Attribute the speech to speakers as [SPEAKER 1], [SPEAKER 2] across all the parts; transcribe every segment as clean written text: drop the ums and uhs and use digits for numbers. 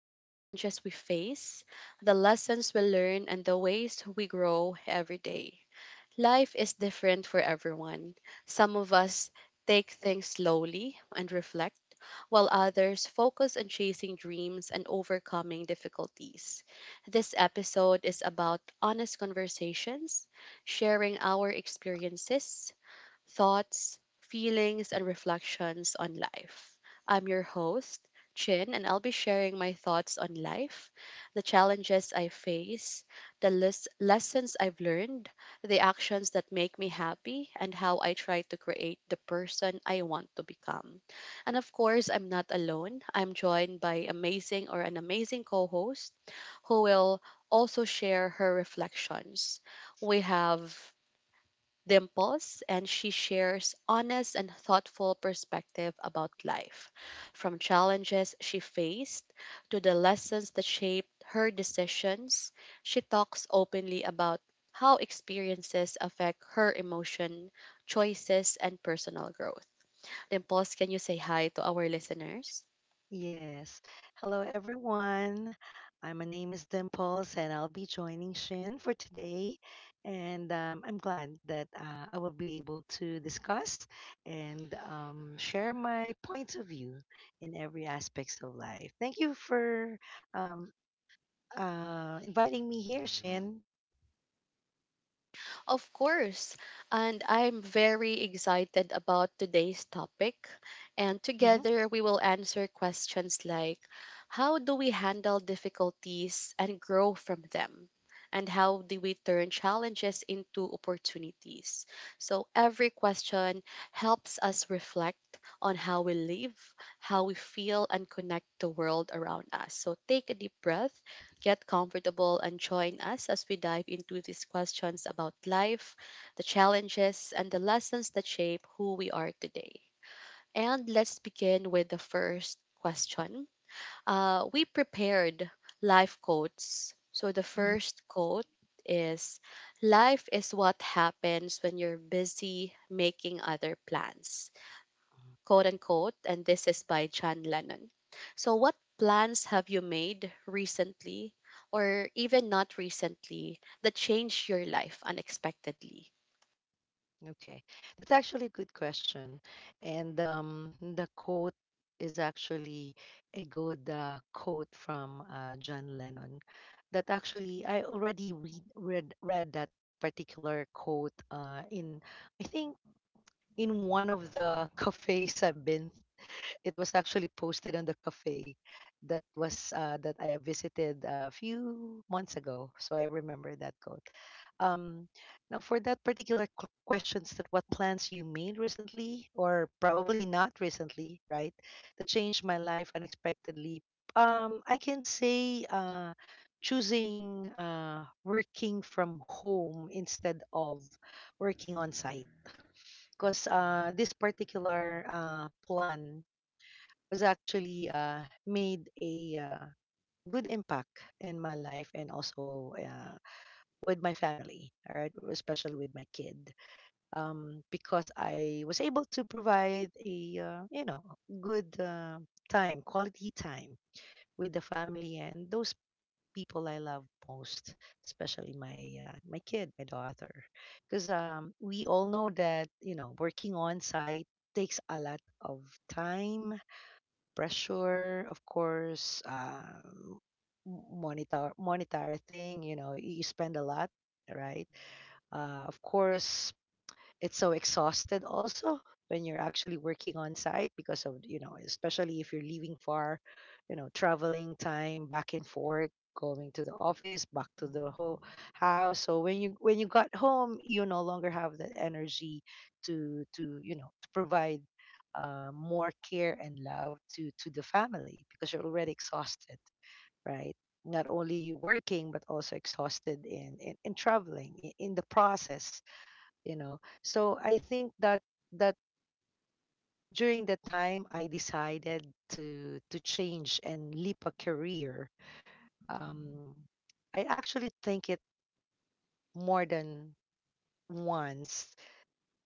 [SPEAKER 1] the challenges we face, the lessons we learn, and the ways we grow every day. Life is different for everyone. Some of us take things slowly and reflect, while others focus on chasing dreams and overcoming difficulties. This episode is about honest conversations, sharing our experiences, thoughts, feelings, and reflections on life. I'm your host, Chin, and I'll be sharing my thoughts on life, the challenges I face, the lessons I've learned, the actions that make me happy, and how I try to create the person I want to become. And of course, I'm not alone. I'm joined by amazing or an amazing co-host who will also share her reflections. We have Dimples, and she shares honest and thoughtful perspective about life, from challenges she faced to the lessons that shaped her decisions. She talks openly about how experiences affect her emotion, choices, and personal growth. Dimples, can you say hi to our listeners?
[SPEAKER 2] Yes. Hello, everyone. My name is Dimples, and I'll be joining Shin for today. And I'm glad that I will be able to discuss and share my points of view in every aspects of life. Thank you for um, inviting me here, Shin.
[SPEAKER 1] Of course. And I'm very excited about today's topic. And
[SPEAKER 2] Hmm
[SPEAKER 1] together we will answer questions like, how do we handle difficulties and grow from them? And how do we turn challenges into opportunities? So every question helps us reflect on how we live, how we feel, and connect the world around us. So take a deep breath, get comfortable, and join us as we dive into these questions about life, the challenges, and the lessons that shape who we are today. And let's begin with the first question. We prepared life quotes. So the first quote is, life is what happens when you're busy making other plans, quote unquote, and this is by John Lennon. So, what plans have you made recently, or even not recently, that changed your life unexpectedly?
[SPEAKER 2] Okay, that's actually a good question. And The quote is actually a good quote from John Lennon. That actually, I already read that particular quote in, I think, in one of the cafes I've been. It was actually posted on the cafe that was that I have visited a few months ago. So I remember that quote. Um, Now, for that particular questions, that what plans you made recently, or probably not recently, right? That changed my life unexpectedly. I can say choosing working from home instead of working on site, because this particular plan was actually made a good impact in my life and also with my family, all right, especially with my kid, because I was able to provide a uh, good time, quality time with the family and those people I love most, especially my my kid, my daughter, because we all know that you know working on site takes a lot of time pressure, of course, m- monitor monetary thing. You know, you spend a lot, right? Of course, it's so exhausted also when you're actually working on site because of you know especially if you're leaving far, you know, traveling time back and forth, going to the office back to the whole house. So when you got home you no longer have the energy to to provide more care and love to the family because you're already exhausted, right? Not only working but also exhausted in traveling in the process, you know. So I think that during the time I decided to change and leap a career. um I actually think it more than once,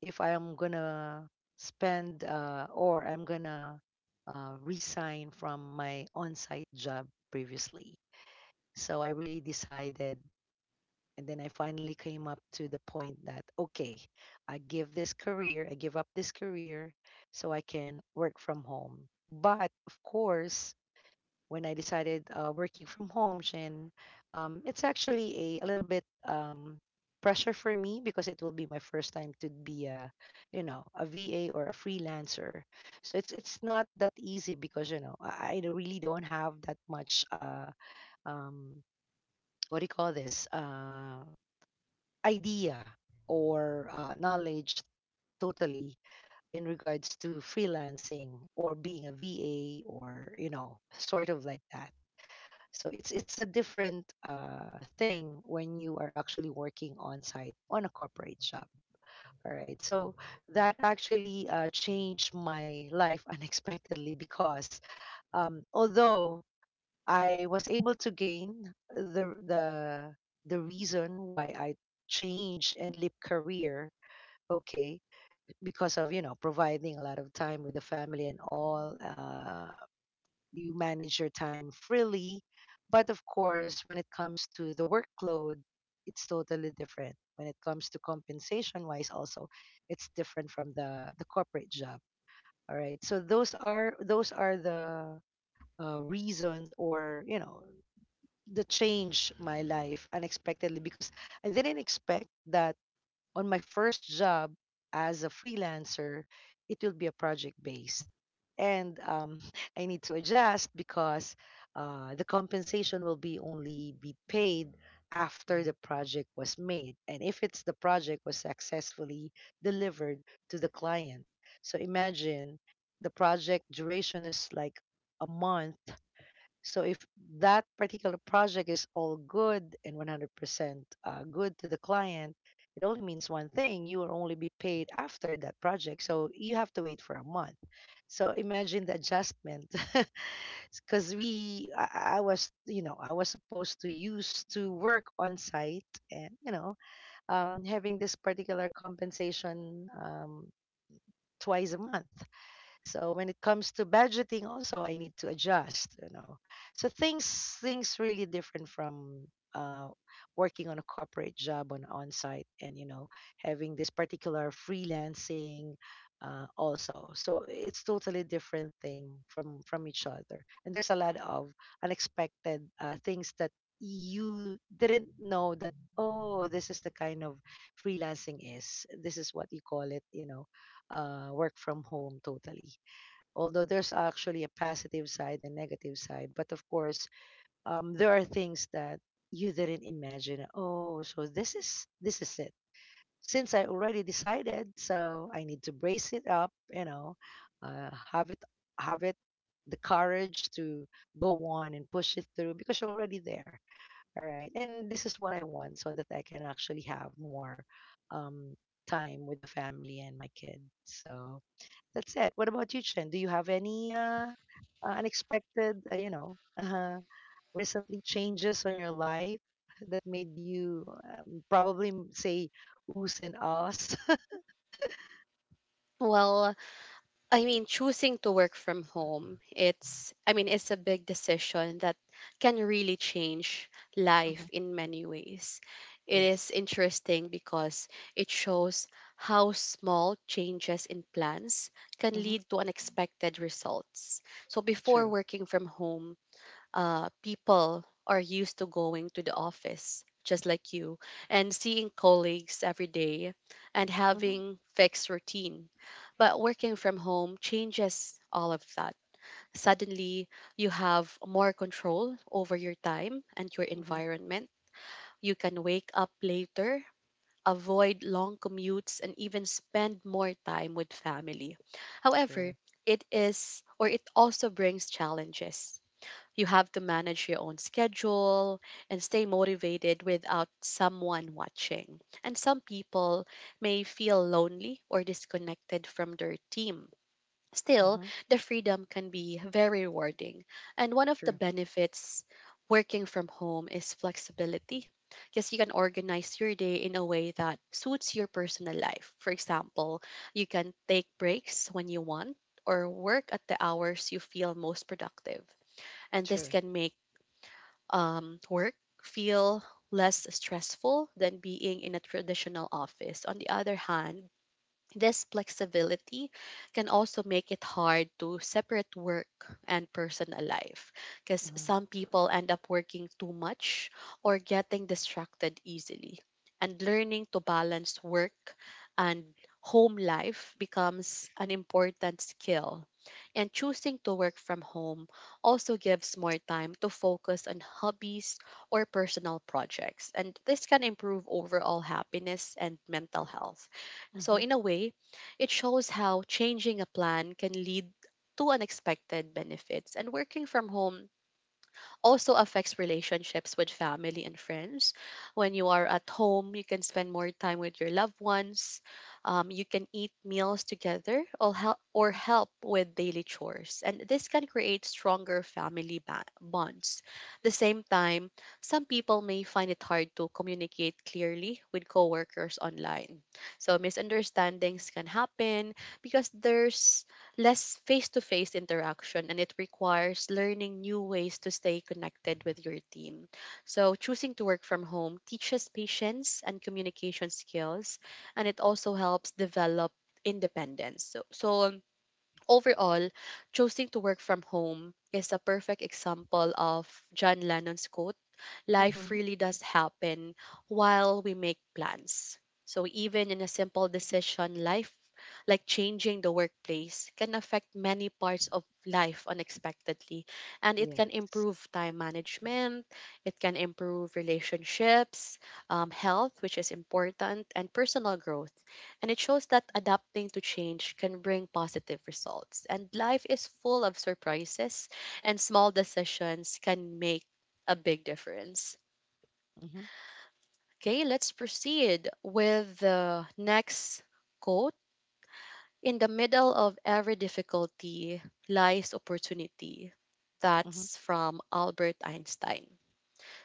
[SPEAKER 2] if I am gonna spend or I'm gonna resign from my on-site job previously. So I really decided. And then I finally came up to the point that, okay, I give up this career so I can work from home. But of course, when I decided working from home, Shin, it's actually a little bit pressure for me because it will be my first time to be a, you know, a VA or a freelancer. So it's not that easy because you know I really don't have that much um, what do you call this? Idea or knowledge totally in regards to freelancing or being a VA or you know sort of like that. So it's a different thing when you are actually working on site on a corporate shop. All right, so that actually changed my life unexpectedly because although I was able to gain the the reason why I change and leap career, okay, because of you know providing a lot of time with the family and all. You manage your time freely, but of course when it comes to the workload it's totally different. When it comes to compensation wise also, it's different from the corporate job. All right, so those are the reasons, or you know, the change my life unexpectedly because I didn't expect that on my first job as a freelancer, it will be a project based. And I need to adjust because the compensation will be only be paid after the project was made, and if it's the project was successfully delivered to the client. So imagine the project duration is like a month. So if that particular project is all good and 100% good to the client, it only means one thing, you will only be paid after that project. So you have to wait for a month. So imagine the adjustment. Because I was, you know, I was supposed to use to work on site and, you know, having this particular compensation twice a month. So when it comes to budgeting also I need to adjust, you know. So things really different from uh, working on a corporate job on site, and you know having this particular freelancing also. So it's totally different thing from each other. And there's a lot of unexpected things that you didn't know that, oh, this is the kind of freelancing, is this is what you call it, you know, work from home totally. Although there's actually a positive side and negative side, but of course, there are things that you didn't imagine, oh, so this is it. Since I already decided, so I need to brace it up, you know, uh, have it have it the courage to go on and push it through, because you're already there, all right, and this is what I want so that I can actually have more um, time with the family and my kid. So that's it. What about you, Chen? Do you have any unexpected, recently changes on your life that made you probably say oohs and ahs?
[SPEAKER 1] Well, I mean, choosing to work from home, it's, I mean, it's a big decision that can really change
[SPEAKER 2] hmm
[SPEAKER 1] life in many ways. It is
[SPEAKER 2] Yes.
[SPEAKER 1] interesting because it shows how small changes in plans can
[SPEAKER 2] hmm
[SPEAKER 1] lead to unexpected results. So before
[SPEAKER 2] True.
[SPEAKER 1] working from home, people are used to going to the office just like you, and seeing colleagues every day, and
[SPEAKER 2] Hmm
[SPEAKER 1] having fixed routine, but working from home changes all of that. Suddenly you have more control over your time and your
[SPEAKER 2] hmm
[SPEAKER 1] environment. You can wake up later, avoid long commutes, and even spend more time with family. However,
[SPEAKER 2] True.
[SPEAKER 1] it is or it also brings challenges. You have to manage your own schedule and stay motivated without someone watching. And some people may feel lonely or disconnected from their team. Still,
[SPEAKER 2] Hmm
[SPEAKER 1] the freedom can be very rewarding. And one of the
[SPEAKER 2] True.
[SPEAKER 1] benefits working from home is flexibility, because you can organize your day in a way that suits your personal life. For example, you can take breaks when you want or work at the hours you feel most productive. And this
[SPEAKER 2] True.
[SPEAKER 1] can make work feel less stressful than being in a traditional office. On the other hand, this flexibility can also make it hard to separate work and personal life, because
[SPEAKER 2] Hmm
[SPEAKER 1] some people end up working too much or getting distracted easily. And learning to balance work and home life becomes an important skill, and choosing to work from home also gives more time to focus on hobbies or personal projects. And this can improve overall happiness and mental health. So,
[SPEAKER 2] hmm
[SPEAKER 1] in a way, it shows how changing a plan can lead to unexpected benefits. And working from home also affects relationships with family and friends. When you are at home, you can spend more time with your loved ones. You can eat meals together or help with daily chores. And this can create stronger family bonds. The same time, some people may find it hard to communicate clearly with coworkers online. So misunderstandings can happen because there's less face to face interaction, and it requires learning new ways to stay connected with your team. So, choosing to work from home teaches patience and communication skills, and it also helps develop independence. So, overall, choosing to work from home is a perfect example of John Lennon's quote, life
[SPEAKER 2] hmm
[SPEAKER 1] really does happen while we make plans. So even in a simple decision, life like changing the workplace can affect many parts of life unexpectedly, and it can
[SPEAKER 2] Yes.
[SPEAKER 1] improve time management, it can improve relationships, health, which is important, and personal growth. And it shows that adapting to change can bring positive results, and life is full of surprises, and small decisions can make a big difference.
[SPEAKER 2] hmm
[SPEAKER 1] Okay, let's proceed with the next quote. In the middle of every difficulty lies opportunity.
[SPEAKER 2] hmm
[SPEAKER 1] That's from Albert Einstein.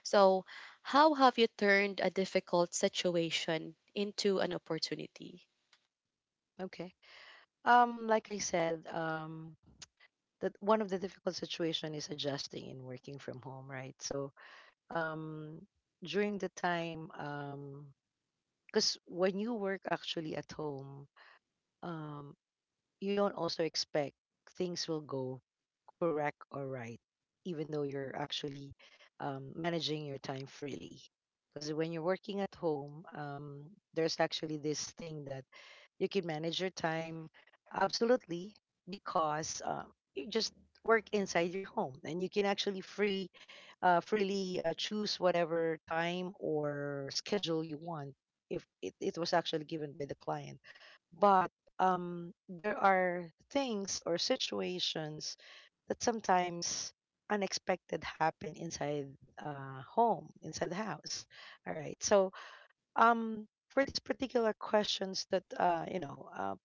[SPEAKER 1] So, how have you turned a difficult situation into an opportunity?
[SPEAKER 2] Okay. Like I said, that one of the difficult situation is adjusting and working from home, right? So um during the time, because when you work actually at home, um you don't also expect things will go correct or right, even though you're actually managing your time freely. Because when you're working at home, there's actually this thing that you can manage your time absolutely because you just work inside your home and you can actually freely choose whatever time or schedule you want, if it was actually given by the client. But there are things or situations that sometimes unexpected happen inside home inside the house. All right, so for these particular questions that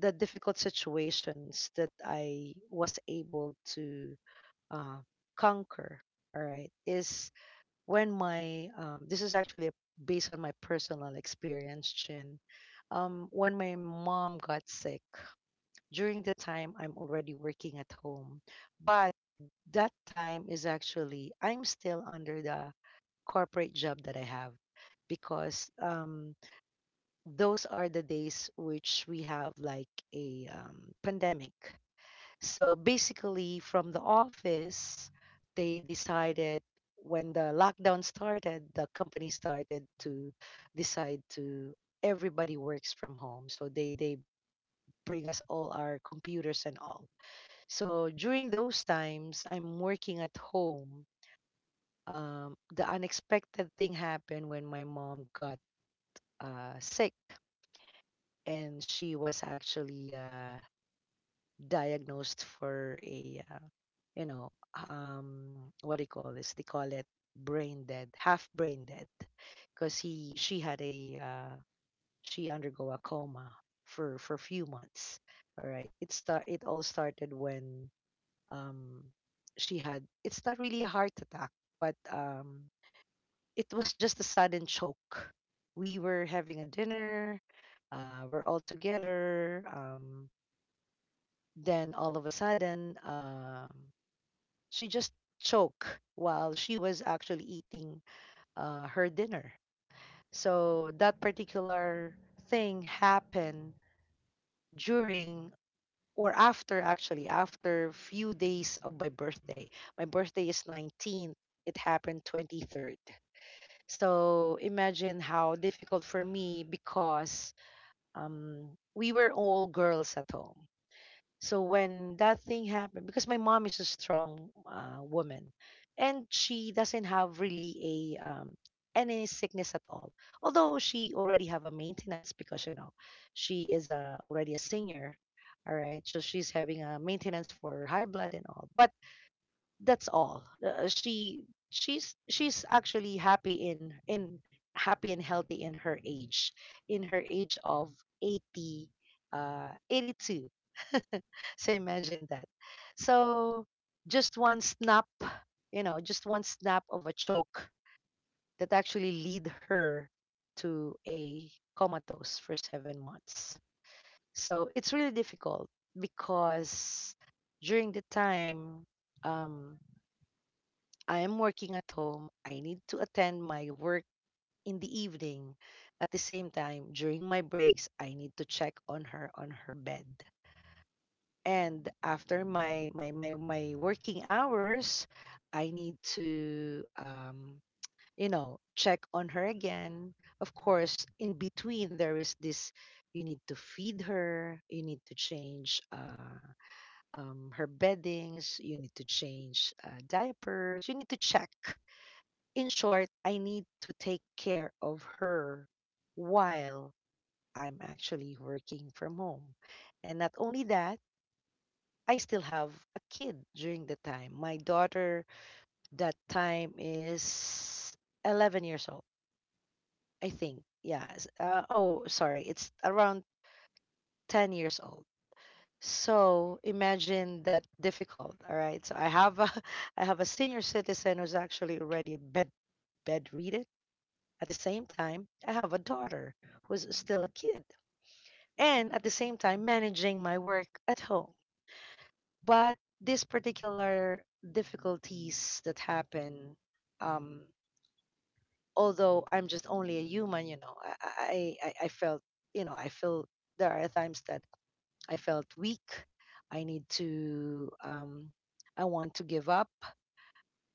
[SPEAKER 2] the difficult situations that I was able to uh, conquer, all right, is when my, this is actually based on my personal experience, Chin. When my mom got sick, during the time I'm already working at home, but that time is actually, I'm still under the corporate job that I have, because those are the days which we have like a pandemic. So basically, from the office, they decided when the lockdown started. The company started to decide to, everybody works from home. So they bring us all our computers and all. So during those times, I'm working at home. The unexpected thing happened when my mom got sick, and she was actually diagnosed for a, you know what do you call this, they call it brain dead, half brain dead, because he she had a, she undergo a coma for few months. All right, it start it all started when um she had, it's not really a heart attack, but it was just a sudden choke. We were having a dinner, we're all together, then all of a sudden, she just choked while she was actually eating her dinner. So that particular thing happened during, or after actually after few days of my birthday. My birthday is 19th. It happened 23rd. So imagine how difficult for me because um, we were all girls at home. So when that thing happened, because my mom is a strong woman, and she doesn't have really a any sickness at all. Although she already have a maintenance because you know she is already a senior, all right. So she's having a maintenance for high blood and all. But that's all. She's actually happy and healthy in her age, of 80 82. So imagine that. So just one snap, you know, just one snap of a choke that actually lead her to a comatose for 7 months. So it's really difficult because during the time um, I am working at home, I need to attend my work in the evening. At the same time, during my breaks, I need to check on her bed. And after my working hours, I need to you know, check on her again. Of course, in between there is this, you need to feed her, you need to change her beddings, you need to change diapers, you need to check, in short, I need to take care of her while I'm actually working from home. And not only that, I still have a kid during the time. My daughter that time is 11 years old, I think. Yeah. Sorry, it's around 10 years old. So imagine that difficult. All right. So I have a I have a senior citizen who's actually already a bedridden. At the same time, I have a daughter who's still a kid, and at the same time, managing my work at home. But these particular difficulties that happen, um, although I'm just only a human, I felt, I feel there are times that I felt weak. I need to, I want to give up.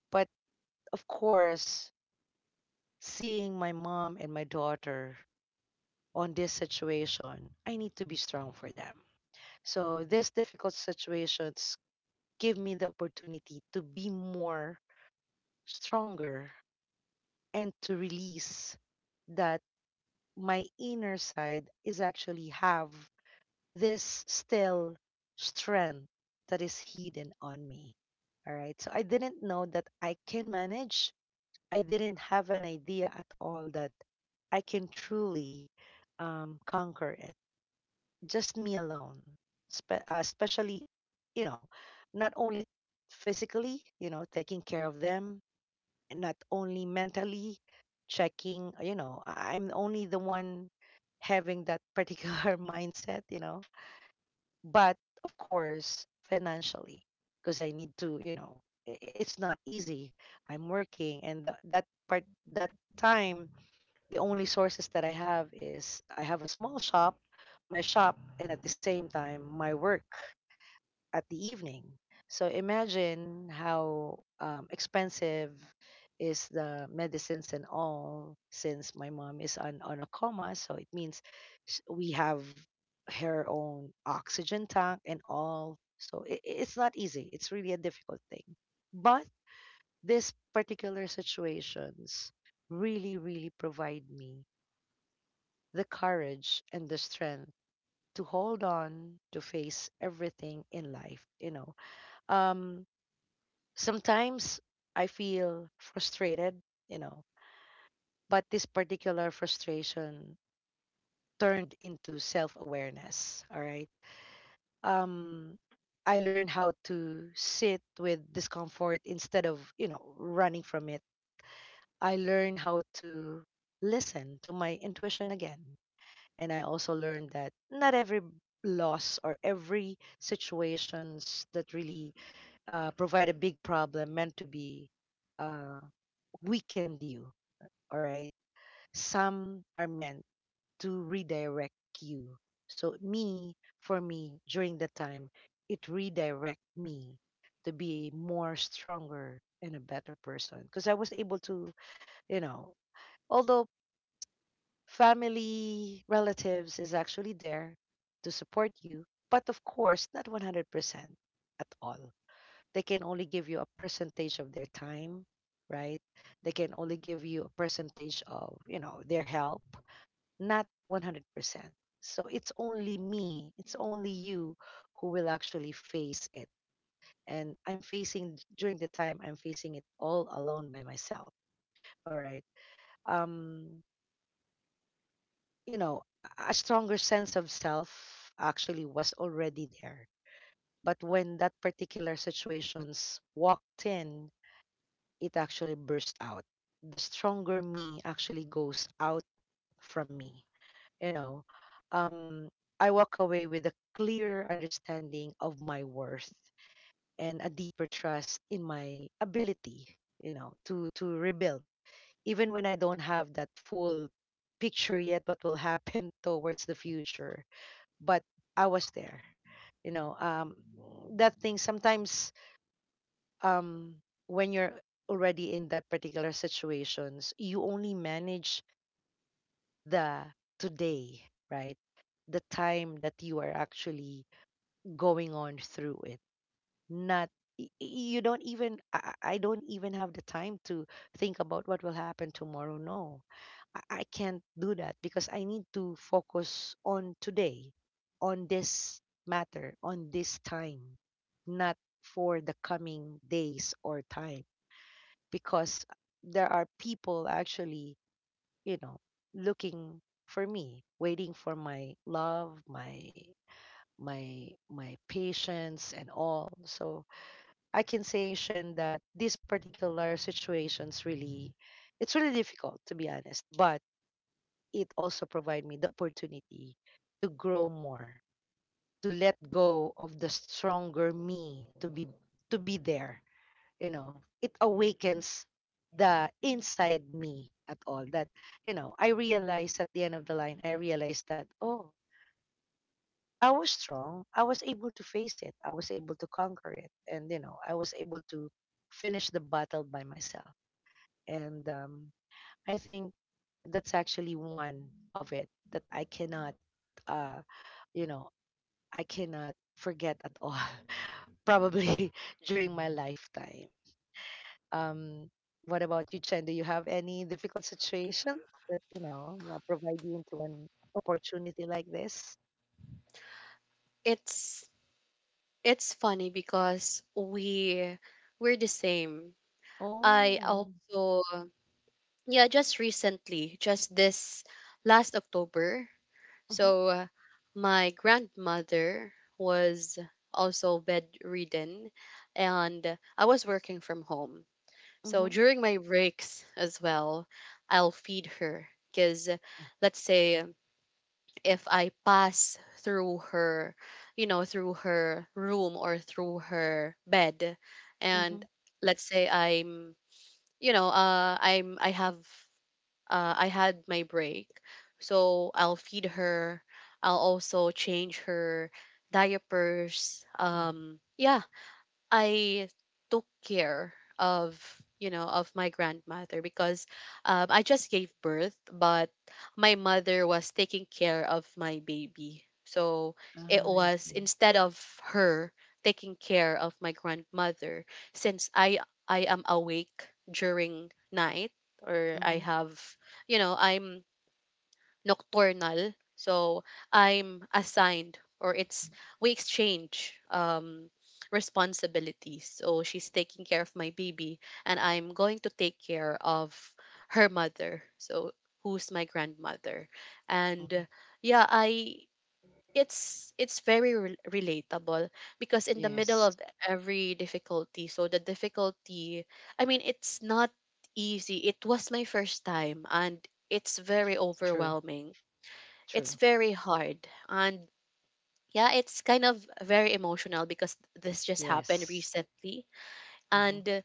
[SPEAKER 2] But of course, seeing my mom and my daughter on this situation, I need to be strong for them. So these difficult situations give me the opportunity to be more stronger and to release that my inner side is actually have this still strength that is hidden on me. All right. So I didn't know that I can manage. I didn't have an idea at all that I can truly conquer it just me alone, especially, you know, not only physically, you know, taking care of them, and not only mentally checking, you know, I'm only the one having that particular mindset, you know, but of course, financially, because I need to, you know, it's not easy. I'm working, and that part, that time the only sources that I have is I have a small shop, my shop, and at the same time, my work at the evening. So imagine how expensive is the medicines and all since my mom is on a coma. So it means we have her own oxygen tank and all. So it's not easy. It's really a difficult thing. But this particular situations really, really provide me the courage and the strength to hold on, to face everything in life, you know. um Sometimes I feel frustrated, you know, but this particular frustration turned into self-awareness. All right. um I learned how to sit with discomfort instead of, you know, running from it. I learned how to listen to my intuition again. And I also learned that not every loss or every situations that really provide a big problem meant to be uh, weakened you. All right. Some are meant to redirect you. So me, for me, during that time, it redirect me to be more stronger and a better person because I was able to, you know, although family, relatives is actually there to support you, but of course, not 100% at all. They can only give you a percentage of their time, right? They can only give you a percentage of, you know, their help, not 100%. So it's only me, it's only you who will actually face it. And I'm facing, during the time I'm facing it all alone by myself. All right. Um you know, a stronger sense of self actually was already there. But when that particular situations walked in, it actually burst out. The stronger me actually goes out from me. You know, um, I walk away with a clear understanding of my worth and a deeper trust in my ability. You know, to rebuild, even when I don't have that full picture yet what will happen towards the future, but I was there. You know, that thing sometimes, um, when you're already in that particular situations, you only manage the today, right? The time that you are actually going on through it, not y- you don't even, I don't even have the time to think about what will happen tomorrow. No, I can't do that because I need to focus on today, on this matter, on this time, not for the coming days or time, because there are people actually, you know, looking for me, waiting for my love, my patience and all. So I can say, Shen, that these particular situations really, it's really difficult to be honest, but it also provide me the opportunity to grow more, to let go of the stronger me, to be there. You know, it awakens the inside me at all. That, you know, I realize at the end of the line, I realize that, oh, I was strong. I was able to face it. I was able to conquer it. And, you know, I was able to finish the battle by myself. And I think that's actually one of it that I cannot, uh, you know, I cannot forget at all, probably during my lifetime. Um, what about you, Chen? Do you have any difficult situations that, you know, provide you into an opportunity like this?
[SPEAKER 1] It's it's funny because we're the same. I
[SPEAKER 2] Oh,
[SPEAKER 1] also, yeah, just recently, just this last October.
[SPEAKER 2] mm-hmm,
[SPEAKER 1] So my grandmother was also bedridden and I was working from home. So
[SPEAKER 2] mm-hmm,
[SPEAKER 1] during my breaks as well, I'll feed her, because let's say if I pass through her, you know, through her room or through her bed,
[SPEAKER 2] mm-hmm.
[SPEAKER 1] and let's say I'm, you know, I'm, I have I had my break. So I'll feed her. I'll also change her diapers. Yeah, I took care of, you know, of my grandmother, because I just gave birth, but my mother was taking care of my baby. So it
[SPEAKER 2] Ah, I
[SPEAKER 1] was,
[SPEAKER 2] see.
[SPEAKER 1] instead of her taking care of my grandmother, since I am awake during night, or I
[SPEAKER 2] Mm-hmm.
[SPEAKER 1] have, you know, I'm nocturnal. So I'm assigned, or it's, we exchange responsibilities. So she's taking care of my baby, and I'm going to take care of her mother. So, who's my grandmother.
[SPEAKER 2] Mm-hmm.
[SPEAKER 1] And yeah, I, it's very relatable, because in the middle
[SPEAKER 2] Yes.
[SPEAKER 1] of every difficulty, so the difficulty, I mean, it's not easy. It was my first time, and it's very
[SPEAKER 2] True.
[SPEAKER 1] overwhelming, it's
[SPEAKER 2] True.
[SPEAKER 1] very hard. And yeah, it's kind of very emotional because this just happened
[SPEAKER 2] Yes.
[SPEAKER 1] recently.
[SPEAKER 2] Mm-hmm.
[SPEAKER 1] And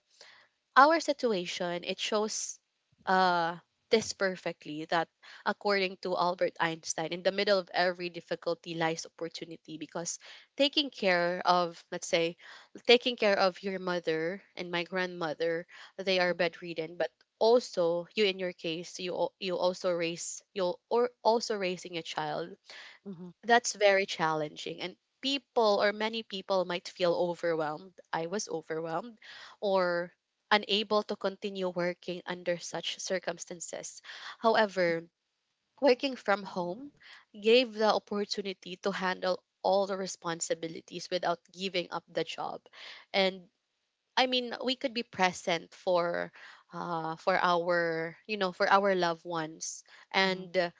[SPEAKER 1] our situation, it shows uh this perfectly that, according to Albert Einstein, in the middle of every difficulty lies opportunity, because taking care of, let's say, taking care of your mother and my grandmother, they are bedridden, but also you, in your case, you you also raise, you or also raising a child,
[SPEAKER 2] Mm-hmm.
[SPEAKER 1] that's very challenging. And people or many people might feel overwhelmed. I was overwhelmed or unable to continue working under such circumstances. However, working from home gave the opportunity to handle all the responsibilities without giving up the job. And I mean, we could be present for our, you know, for our loved ones,
[SPEAKER 2] Mm-hmm.
[SPEAKER 1] and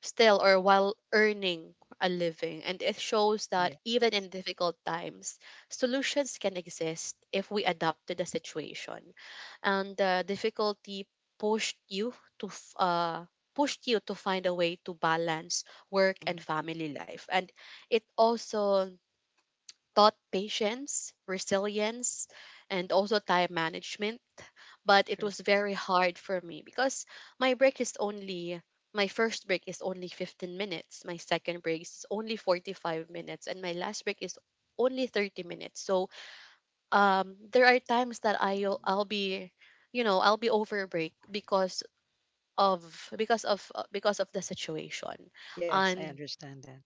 [SPEAKER 1] still, or while earning a living. And it shows that
[SPEAKER 2] Yes.
[SPEAKER 1] even in difficult times, solutions can exist if we adapt to the situation. And the difficulty pushed you to pushed you to find a way to balance work
[SPEAKER 2] Mm-hmm.
[SPEAKER 1] and family life. And it also taught patience, resilience, and also time management, but it
[SPEAKER 2] True.
[SPEAKER 1] was very hard for me because my break is only, my first break is only 15 minutes, my second break is only 45 minutes, and my last break is only 30 minutes. So um, there are times that I'll be, you know, I'll be over break because of, because of the situation.
[SPEAKER 2] Yes, I
[SPEAKER 1] And
[SPEAKER 2] understand that.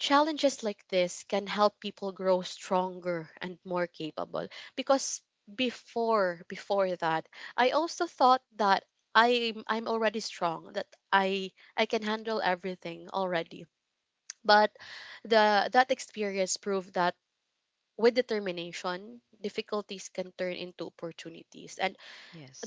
[SPEAKER 1] challenges like this can help people grow stronger and more capable, because before that I also thought that I'm already strong, that I can handle everything already. But the, that experience proved that with determination, difficulties can turn into opportunities, and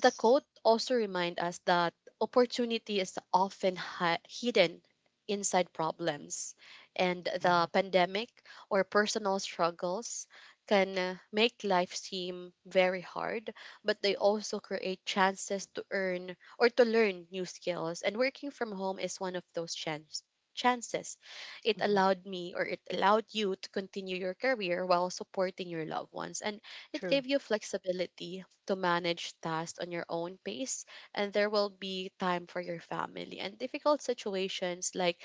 [SPEAKER 1] the quote also reminds us that opportunity is often hidden inside problems. And
[SPEAKER 2] Mm-hmm.
[SPEAKER 1] the pandemic or personal struggles can, make life seem very hard, but they also create chances to earn, or to learn new skills. And working from home is one of those chances. It
[SPEAKER 2] Mm-hmm.
[SPEAKER 1] allowed me, or it allowed you, to continue your career while supporting your loved ones. And it
[SPEAKER 2] True.
[SPEAKER 1] gave you flexibility to manage tasks on your own pace, and there will be time for your family. And difficult situations like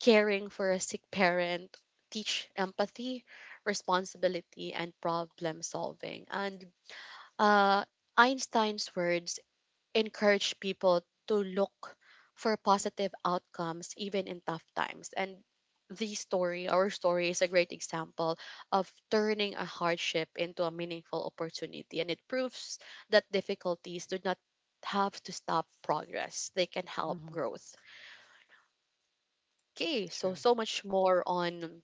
[SPEAKER 1] caring for a sick parent teach empathy, responsibility, and problem solving. And, uh, Einstein's words encourage people to look for positive outcomes even in tough times. And the story, our story, is a great example of turning a hardship into a meaningful opportunity. And it proves that difficulties do not have to stop progress, they can help
[SPEAKER 2] Mm-hmm.
[SPEAKER 1] growth. Okay, so,
[SPEAKER 2] True.
[SPEAKER 1] so much more on,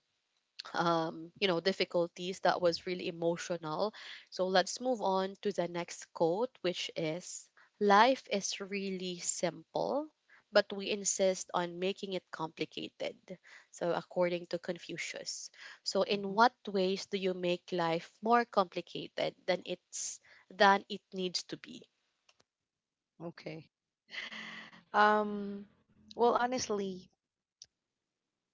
[SPEAKER 1] you know, difficulties that was really emotional. So let's move on to the next quote, which is, life is really simple, but we insist on making it complicated. So, according to Confucius. So, in
[SPEAKER 2] Mm-hmm.
[SPEAKER 1] what ways do you make life more complicated than it's than it needs to be?
[SPEAKER 2] Okay. Um, well, honestly,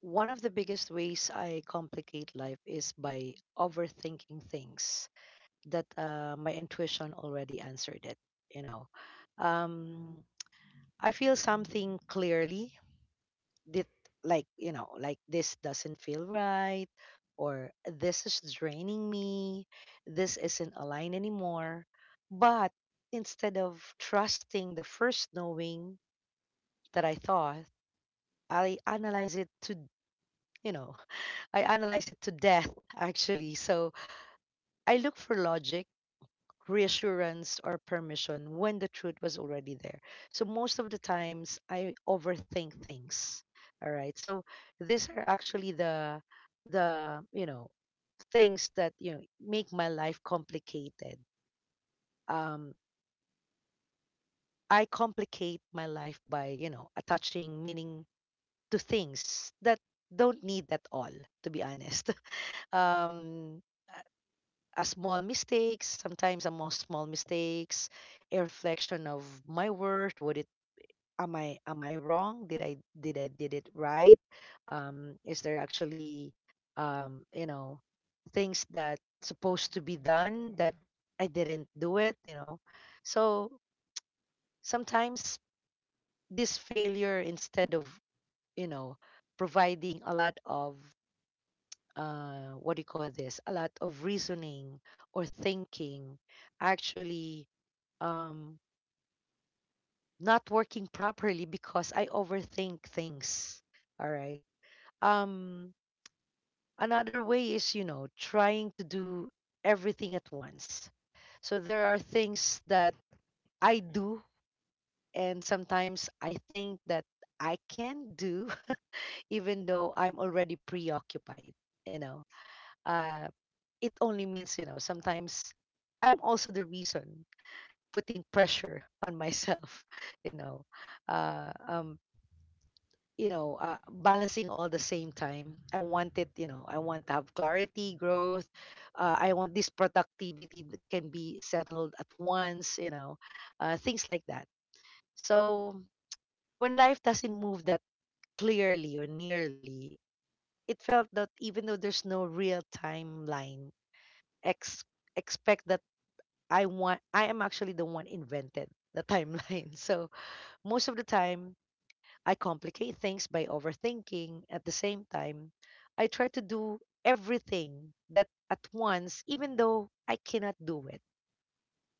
[SPEAKER 2] one of the biggest ways I complicate life is by overthinking things that my intuition already answered it, you know. Um, I feel something clearly that, like, you know, like this doesn't feel right or this is draining me. This isn't aligned anymore. But instead of trusting the first knowing that I thought, I analyze it to, you know, I analyze it to death actually. So I look for logic, reassurance or permission when the truth was already there. So most of the times I overthink things. All right. So these are actually the you know things that, you know, make my life complicated. Um, I complicate my life by, you know, attaching meaning to things that don't need at all. To be honest, um, a small mistakes, sometimes a more small mistakes, a reflection of my worth. Would it, am I wrong? Did I did it right? Is there actually, you know, things that supposed to be done that I didn't do it? You know, so sometimes this failure instead of, you know, providing a lot of, what do you call this? A lot of reasoning or thinking actually, um not working properly because I overthink things. All right. Um Another way is, you know, trying to do everything at once. So there are things that I do and sometimes I think that I can do even though I'm already preoccupied, you know. Uh it only means, you know, sometimes I'm also the reason putting pressure on myself, you know, uh, um, you know, balancing all the same time. I want it, you know, I want to have clarity, growth. I want this productivity that can be settled at once, you know, things like that. So when life doesn't move that clearly or nearly, it felt that even though there's no real timeline, ex- expect that I want, I am actually the one invented the timeline. So most of the time, I complicate things by overthinking. At the same time, I try to do everything that at once, even though I cannot do it.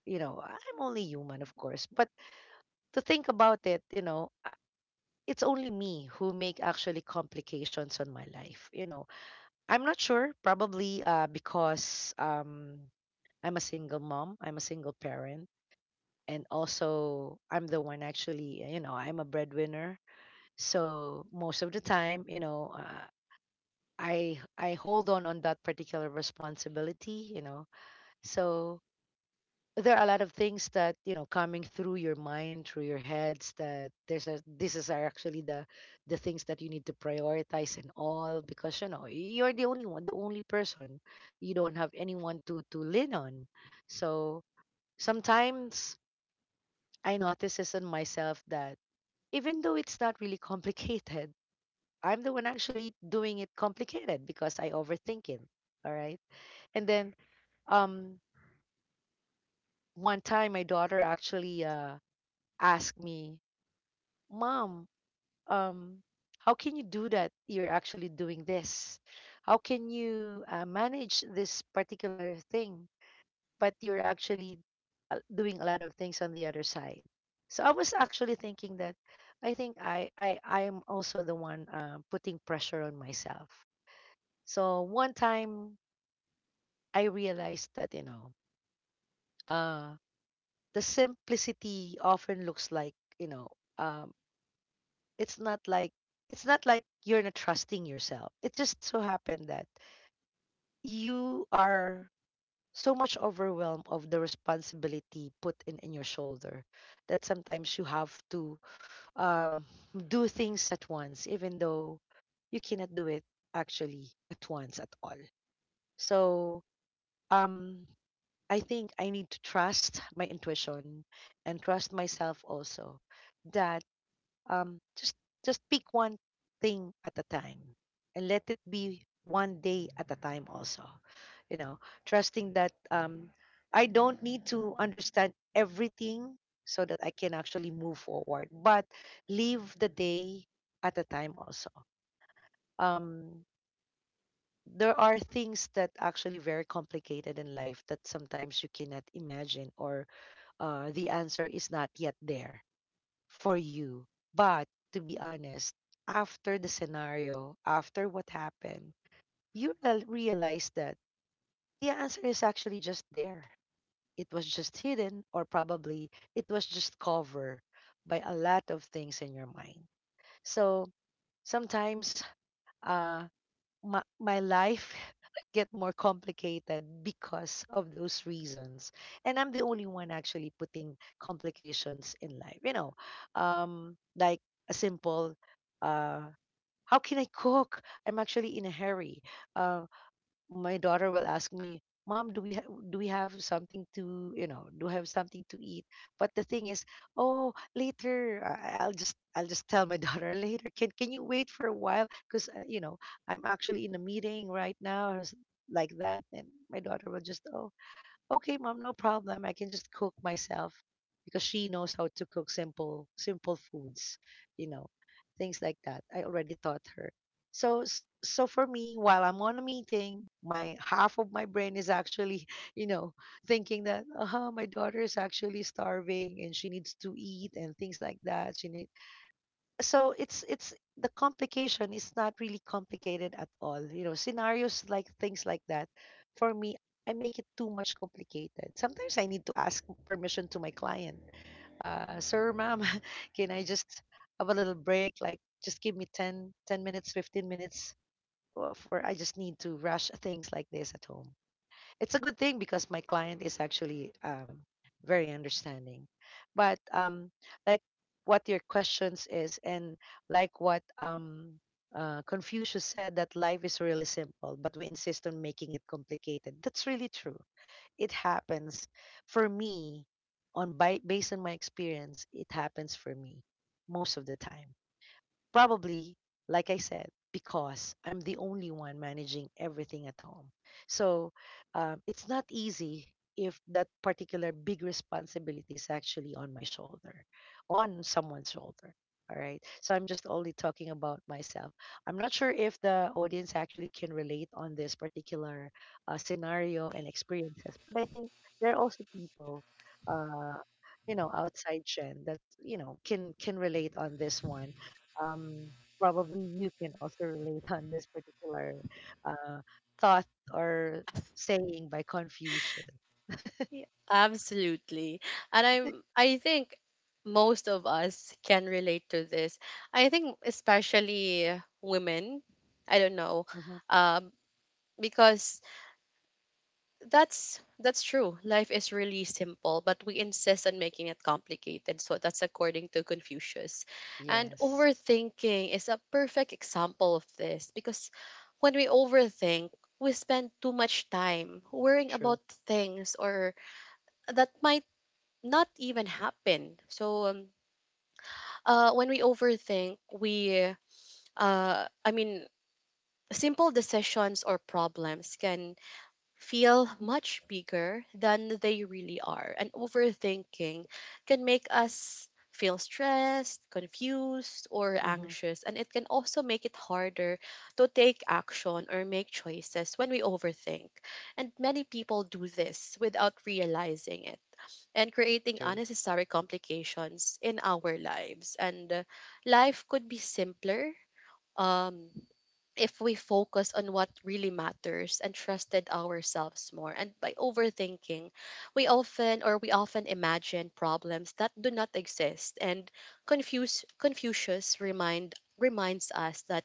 [SPEAKER 2] You know, I'm only human, of course. But to think about it, you know, it's only me who make actually complications on my life. You know, I'm not sure, probably because, I'm a single mom, I'm a single parent. And also, I'm the one actually, you know, I'm a breadwinner. So most of the time, you know, I hold on that particular responsibility, you know. So there are a lot of things that, you know, coming through your mind, through your heads. That there's a this is are actually the things that you need to prioritize and all because, you know, you're the only one, the only person. You don't have anyone to lean on. So sometimes I notice this in myself that even though it's not really complicated, I'm the one actually doing it complicated because I overthink it. All right. And then, um one time my daughter actually asked me, "Mom, um how can you do that? You're actually doing this. How can you, manage this particular thing, but you're actually, doing a lot of things on the other side?" So I was actually thinking that I think I am also the one, putting pressure on myself. So one time I realized that uh the simplicity often looks like um, it's not like it's not like you're not trusting yourself. It just so happened that you are so much overwhelmed of the responsibility put in your shoulder, that sometimes you have to um, do things at once even though you cannot do it actually at once at all. So um I think I need to trust my intuition and trust myself also. That just pick one thing at a time, and let it be one day at a time also. You know, trusting that I don't need to understand everything so that I can actually move forward, but leave the day at a time also. Um, there are things that actually very complicated in life that sometimes you cannot imagine, or the answer is not yet there for you. But to be honest, after the scenario, after what happened, you realize that the answer is actually just there. It was just hidden, or probably it was just covered by a lot of things in your mind. So sometimes, uh, my life get more complicated because of those reasons, and I'm the only one actually putting complications in life. Like a simple uh how can I cook? I'm actually in a hurry. Uh, my daughter will ask me, "Mom, do we have something to do we have something to eat?" But the thing is, oh, later I'll just tell my daughter later. Can you wait for a while? Because I'm actually in a meeting right now, or like that. And my daughter will just, oh, okay, mom, no problem. I can just cook myself, because she knows how to cook simple foods, you know, things like that. I already taught her. So so for me, while I'm on a meeting, my half of my brain is actually, you know, thinking that my daughter is actually starving and she needs to eat and things like that. She, so it's the complication is not really complicated at all, you know. Scenarios like things like that, for me, I make it too much complicated. Sometimes I need to ask permission to my client. Sir, ma'am, can I just have a little break? Like, just give me 10, 10 minutes, 15 minutes, for I just need to rush things like this at home. It's a good thing because my client is actually very understanding. But like what your questions is, and like what Confucius said that life is really simple but we insist on making it complicated. That's really true. It happens for me, on by, based on my experience, it happens for me most of the time. Probably, like I said, because I'm the only one managing everything at home. So it's not easy if that particular big responsibility is actually on my shoulder, on someone's shoulder. All right. So I'm just only talking about myself. I'm not sure if the audience actually can relate on this particular scenario and experiences, but I think there are also people uh, you know, outside Jen, that you know can relate on this one. um, Probably you can also relate on this particular uh, thought or saying by Confucius.
[SPEAKER 1] Yeah, absolutely. And I think most of us can relate to this. I think especially women. I don't know.
[SPEAKER 2] Hmm.
[SPEAKER 1] Um because that's true. Life is really simple, but we insist on making it complicated. So that's according to Confucius. And
[SPEAKER 2] Yes,
[SPEAKER 1] overthinking is a perfect example of this because when we overthink, we spend too much time worrying
[SPEAKER 2] true.
[SPEAKER 1] about things or that might not even happen. When we overthink, uh, I mean, simple decisions or problems can feel much bigger than they really are, and overthinking can make us feel stressed, confused, or
[SPEAKER 2] Hmm.
[SPEAKER 1] anxious, and it can also make it harder to take action or make choices when we overthink. And many people do this without realizing it and creating
[SPEAKER 2] True.
[SPEAKER 1] unnecessary complications in our lives. And life could be simpler um, if we focus on what really matters and trusted ourselves more. And by overthinking, we often imagine problems that do not exist. And confuse Confucius remind reminds us that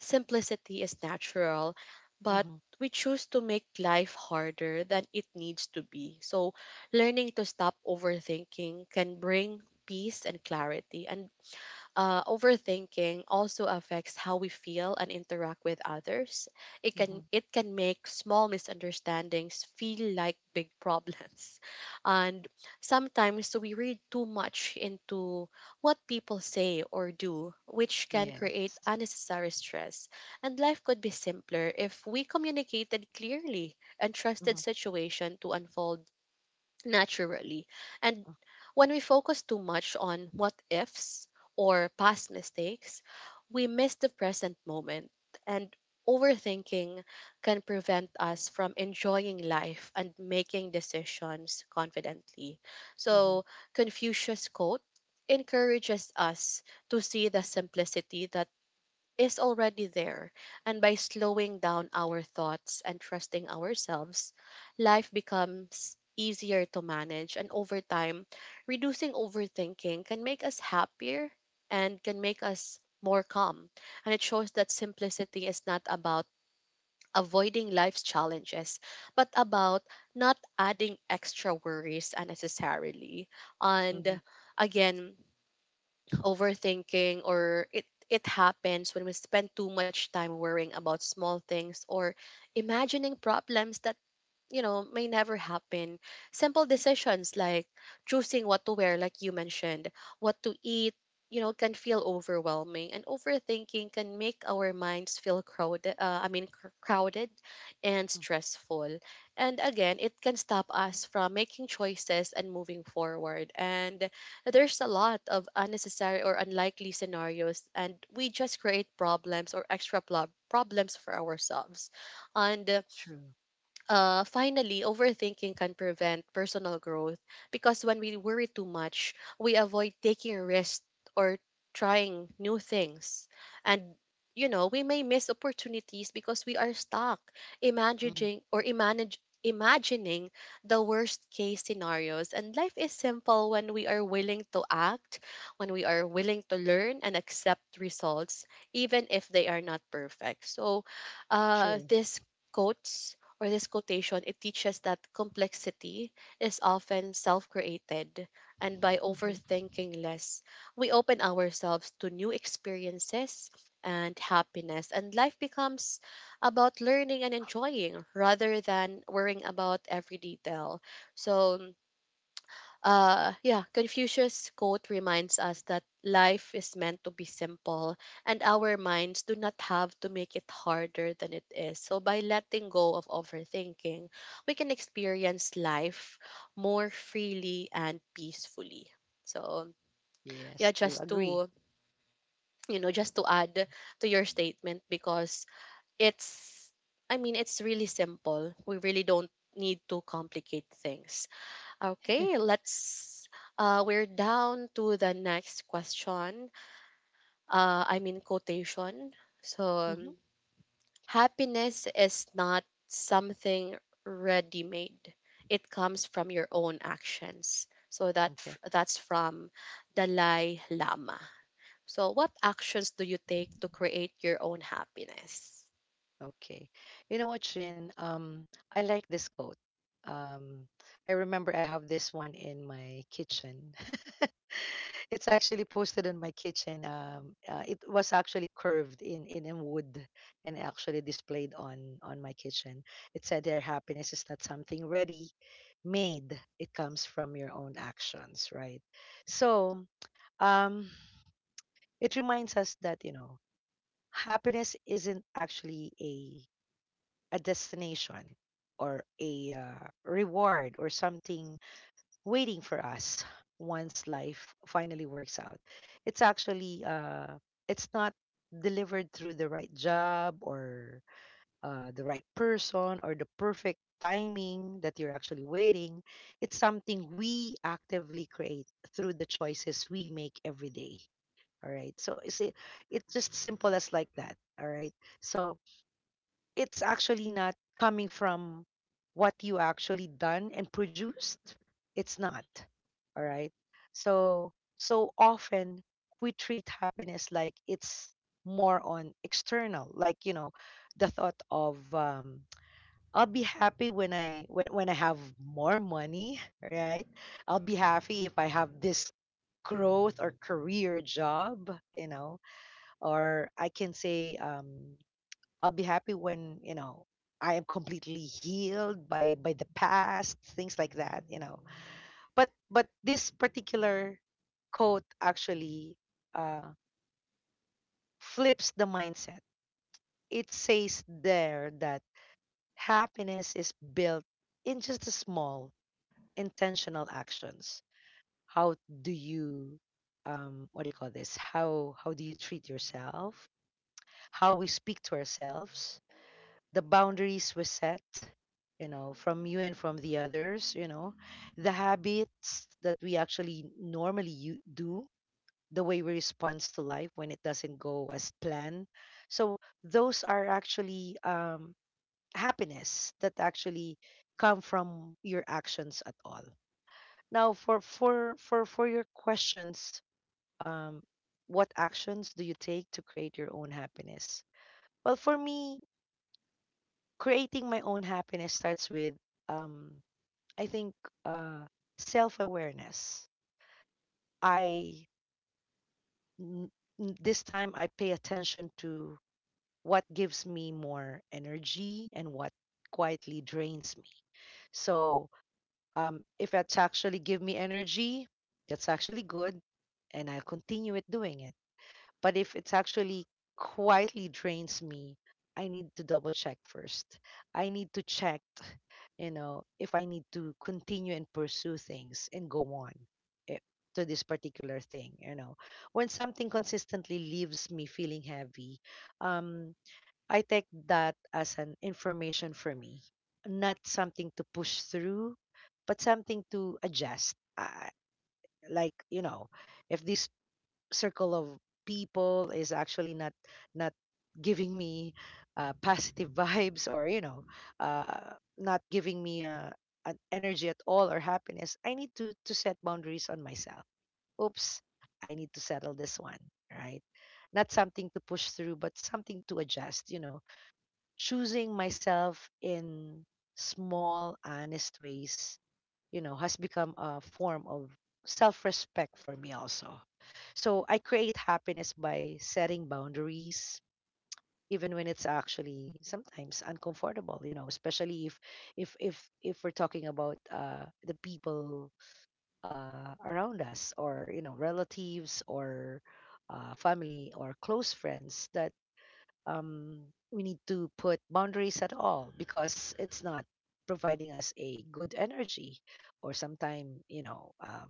[SPEAKER 1] simplicity is natural, but
[SPEAKER 2] Hmm.
[SPEAKER 1] we choose to make life harder than it needs to be. So, learning to stop overthinking can bring peace and clarity. And overthinking also affects how we feel and interact with others. It can
[SPEAKER 2] Hmm.
[SPEAKER 1] it can make small misunderstandings feel like big problems, and sometimes we read too much into what people say or do, which can create
[SPEAKER 2] Yes.
[SPEAKER 1] unnecessary stress. And life could be simpler if we communicated clearly and trusted
[SPEAKER 2] Hmm.
[SPEAKER 1] situation to unfold naturally. And when we focus too much on what ifs or past mistakes, we miss the present moment. And overthinking can prevent us from enjoying life and making decisions confidently.
[SPEAKER 2] Hmm.
[SPEAKER 1] So, Confucius' quote encourages us to see the simplicity that is already there. And by slowing down our thoughts and trusting ourselves, life becomes easier to manage. And over time, reducing overthinking can make us happier and can make us more calm. And it shows that simplicity is not about avoiding life's challenges, but about not adding extra worries unnecessarily. And
[SPEAKER 2] Hmm.
[SPEAKER 1] again, overthinking or it happens when we spend too much time worrying about small things or imagining problems that may never happen. Simple decisions like choosing what to wear, like you mentioned, what to eat, can feel overwhelming. And overthinking can make our minds feel crowded, crowded and stressful. And again, it can stop us from making choices and moving forward. And there's a lot of unnecessary or unlikely scenarios, and we just create problems or extra problems for ourselves. And uh,
[SPEAKER 2] True.
[SPEAKER 1] uh, finally, overthinking can prevent personal growth because when we worry too much, we avoid taking risks or trying new things. And, we may miss opportunities because we are stuck
[SPEAKER 2] Hmm.
[SPEAKER 1] imagining or imagine, imagining the worst case scenarios. And life is simple when we are willing to act, when we are willing to learn and accept results, even if they are not perfect. So,
[SPEAKER 2] True.
[SPEAKER 1] this quotes or this quotation, it teaches that complexity is often self created, and by
[SPEAKER 2] Hmm.
[SPEAKER 1] overthinking less, we open ourselves to new experiences and happiness, and life becomes about learning and enjoying rather than worrying about every detail. So, yeah, Confucius' quote reminds us that life is meant to be simple and our minds do not have to make it harder than it is. So, by letting go of overthinking, we can experience life more freely and peacefully. So, yeah,
[SPEAKER 2] Yes, true.
[SPEAKER 1] just
[SPEAKER 2] Agree.
[SPEAKER 1] to add to your statement because it's, it's really simple. We really don't need to complicate things. Okay, let's. We're down to the next question. I mean quotation. So, um,
[SPEAKER 2] Hmm.
[SPEAKER 1] happiness is not something ready-made. It comes from your own actions. So that f-
[SPEAKER 2] Okay.
[SPEAKER 1] that's from Dalai Lama. So, what actions do you take to create your own happiness?
[SPEAKER 2] Okay. You know what, Shin? I like this coat. Um, I remember I have this one in my kitchen. It's actually posted in my kitchen. It was actually curved in wood, and actually displayed on my kitchen. It said, "Their happiness is not something ready made. It comes from your own actions," right? So, um, it reminds us that, you know, happiness isn't actually a destination, or a reward, or something waiting for us once life finally works out. It's actually it's not delivered through the right job, or the right person, or the perfect timing that you're actually waiting. It's something we actively create through the choices we make every day. All right. So it's just simple as like that. All right. So it's actually not coming from what you actually done and produced. It's not. All right. So so often we treat happiness like it's more on external, like, you know, the thought of I'll be happy when I when I have more money. Right? I'll be happy if I have this growth or career job, you know. Or I can say, I'll be happy when, you know, I am completely healed by the past, things like that, you know. But this particular quote actually uh flips the mindset. It says there that happiness is built in just the small intentional actions. How do you what do you call this? How do you treat yourself? How we speak to ourselves? The boundaries were set, you know, from you and from the others, you know, the habits that we actually normally you do, the way we respond to life when it doesn't go as planned. So those are actually happiness that actually come from your actions at all. Now, for your questions, um, what actions do you take to create your own happiness? Well, for me, creating my own happiness starts with um I think uh self awareness. i n- this time I pay attention to what gives me more energy and what quietly drains me. So, if it's actually give me energy, that's actually good, and I'll continue it doing it. But if it's actually quietly drains me, I need to double check first. I need to check, you know, if I need to continue and pursue things and go on, eh, to this particular thing, you know. When something consistently leaves me feeling heavy, um, I take that as an information for me, not something to push through, but something to adjust. Like, you know, if this circle of people is actually not giving me positive vibes, or you know, not giving me an energy at all, or happiness, I need to set boundaries on myself. Oops. I need to settle this one, right? Not something to push through, but something to adjust, you know. Choosing myself in small honest ways, you know, has become a form of self respect for me also. So I create happiness by setting boundaries, even when it's actually sometimes uncomfortable, you know, especially if if if we're talking about the people around us, or you know, relatives, or family, or close friends that um, we need to put boundaries at all, because it's not providing us a good energy, or sometime, you know,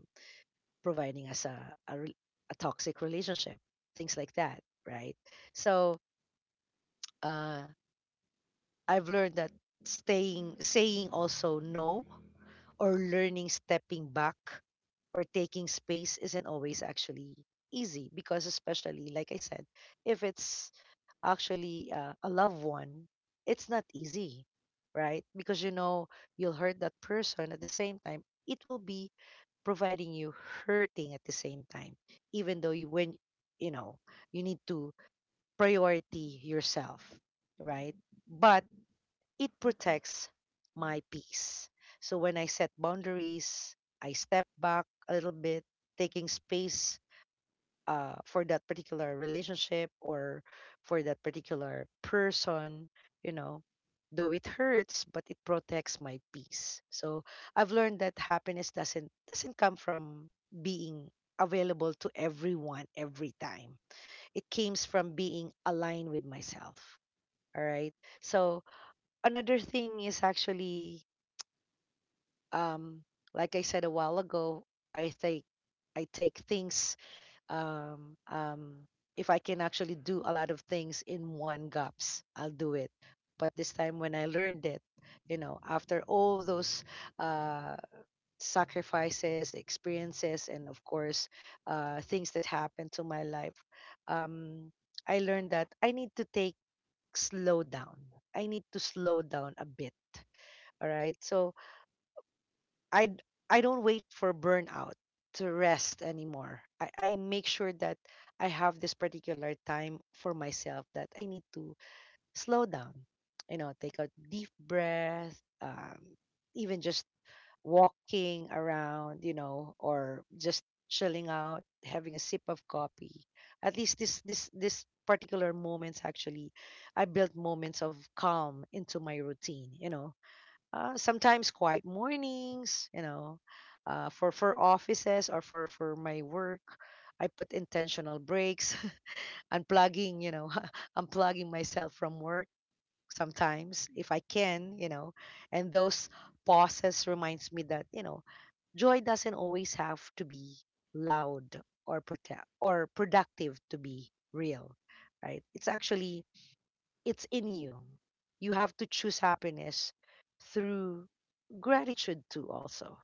[SPEAKER 2] providing us a, re- a toxic relationship, things like that, right? So, uh, I've learned that staying saying also no, or learning stepping back, or taking space isn't always actually easy, because especially like I said, if it's actually a loved one, it's not easy, right? Because you know, you'll hurt that person. At the same time, it will be providing you hurting at the same time, even though you when you know you need to priority yourself, right? But it protects my peace. So when I set boundaries, I step back a little bit, taking space for that particular relationship, or for that particular person, you know, though it hurts, but it protects my peace. So I've learned that happiness doesn't come from being available to everyone every time. It comes from being aligned with myself. All right. So another thing is actually, um, like I said a while ago, I take I take things um, um, if I can actually do a lot of things in one gaps, I'll do it. But this time when I learned it, you know, after all those uh, sacrifices, experiences, and of course, things that happened to my life, um, I learned that I need to take slow down. I need to slow down a bit. All right. So I don't wait for burnout to rest anymore. I make sure that I have this particular time for myself that I need to slow down. You know, take a deep breath, even just walking around, you know, or just chilling out, having a sip of coffee. At least this particular moments actually, I built moments of calm into my routine. You know, sometimes quiet mornings, for offices or for my work, I put intentional breaks, unplugging, unplugging myself from work sometimes if I can, you know. And those pauses reminds me that, you know, joy doesn't always have to be loud or protect or productive to be real, right? It's actually it's in you. You have to choose happiness through gratitude too also,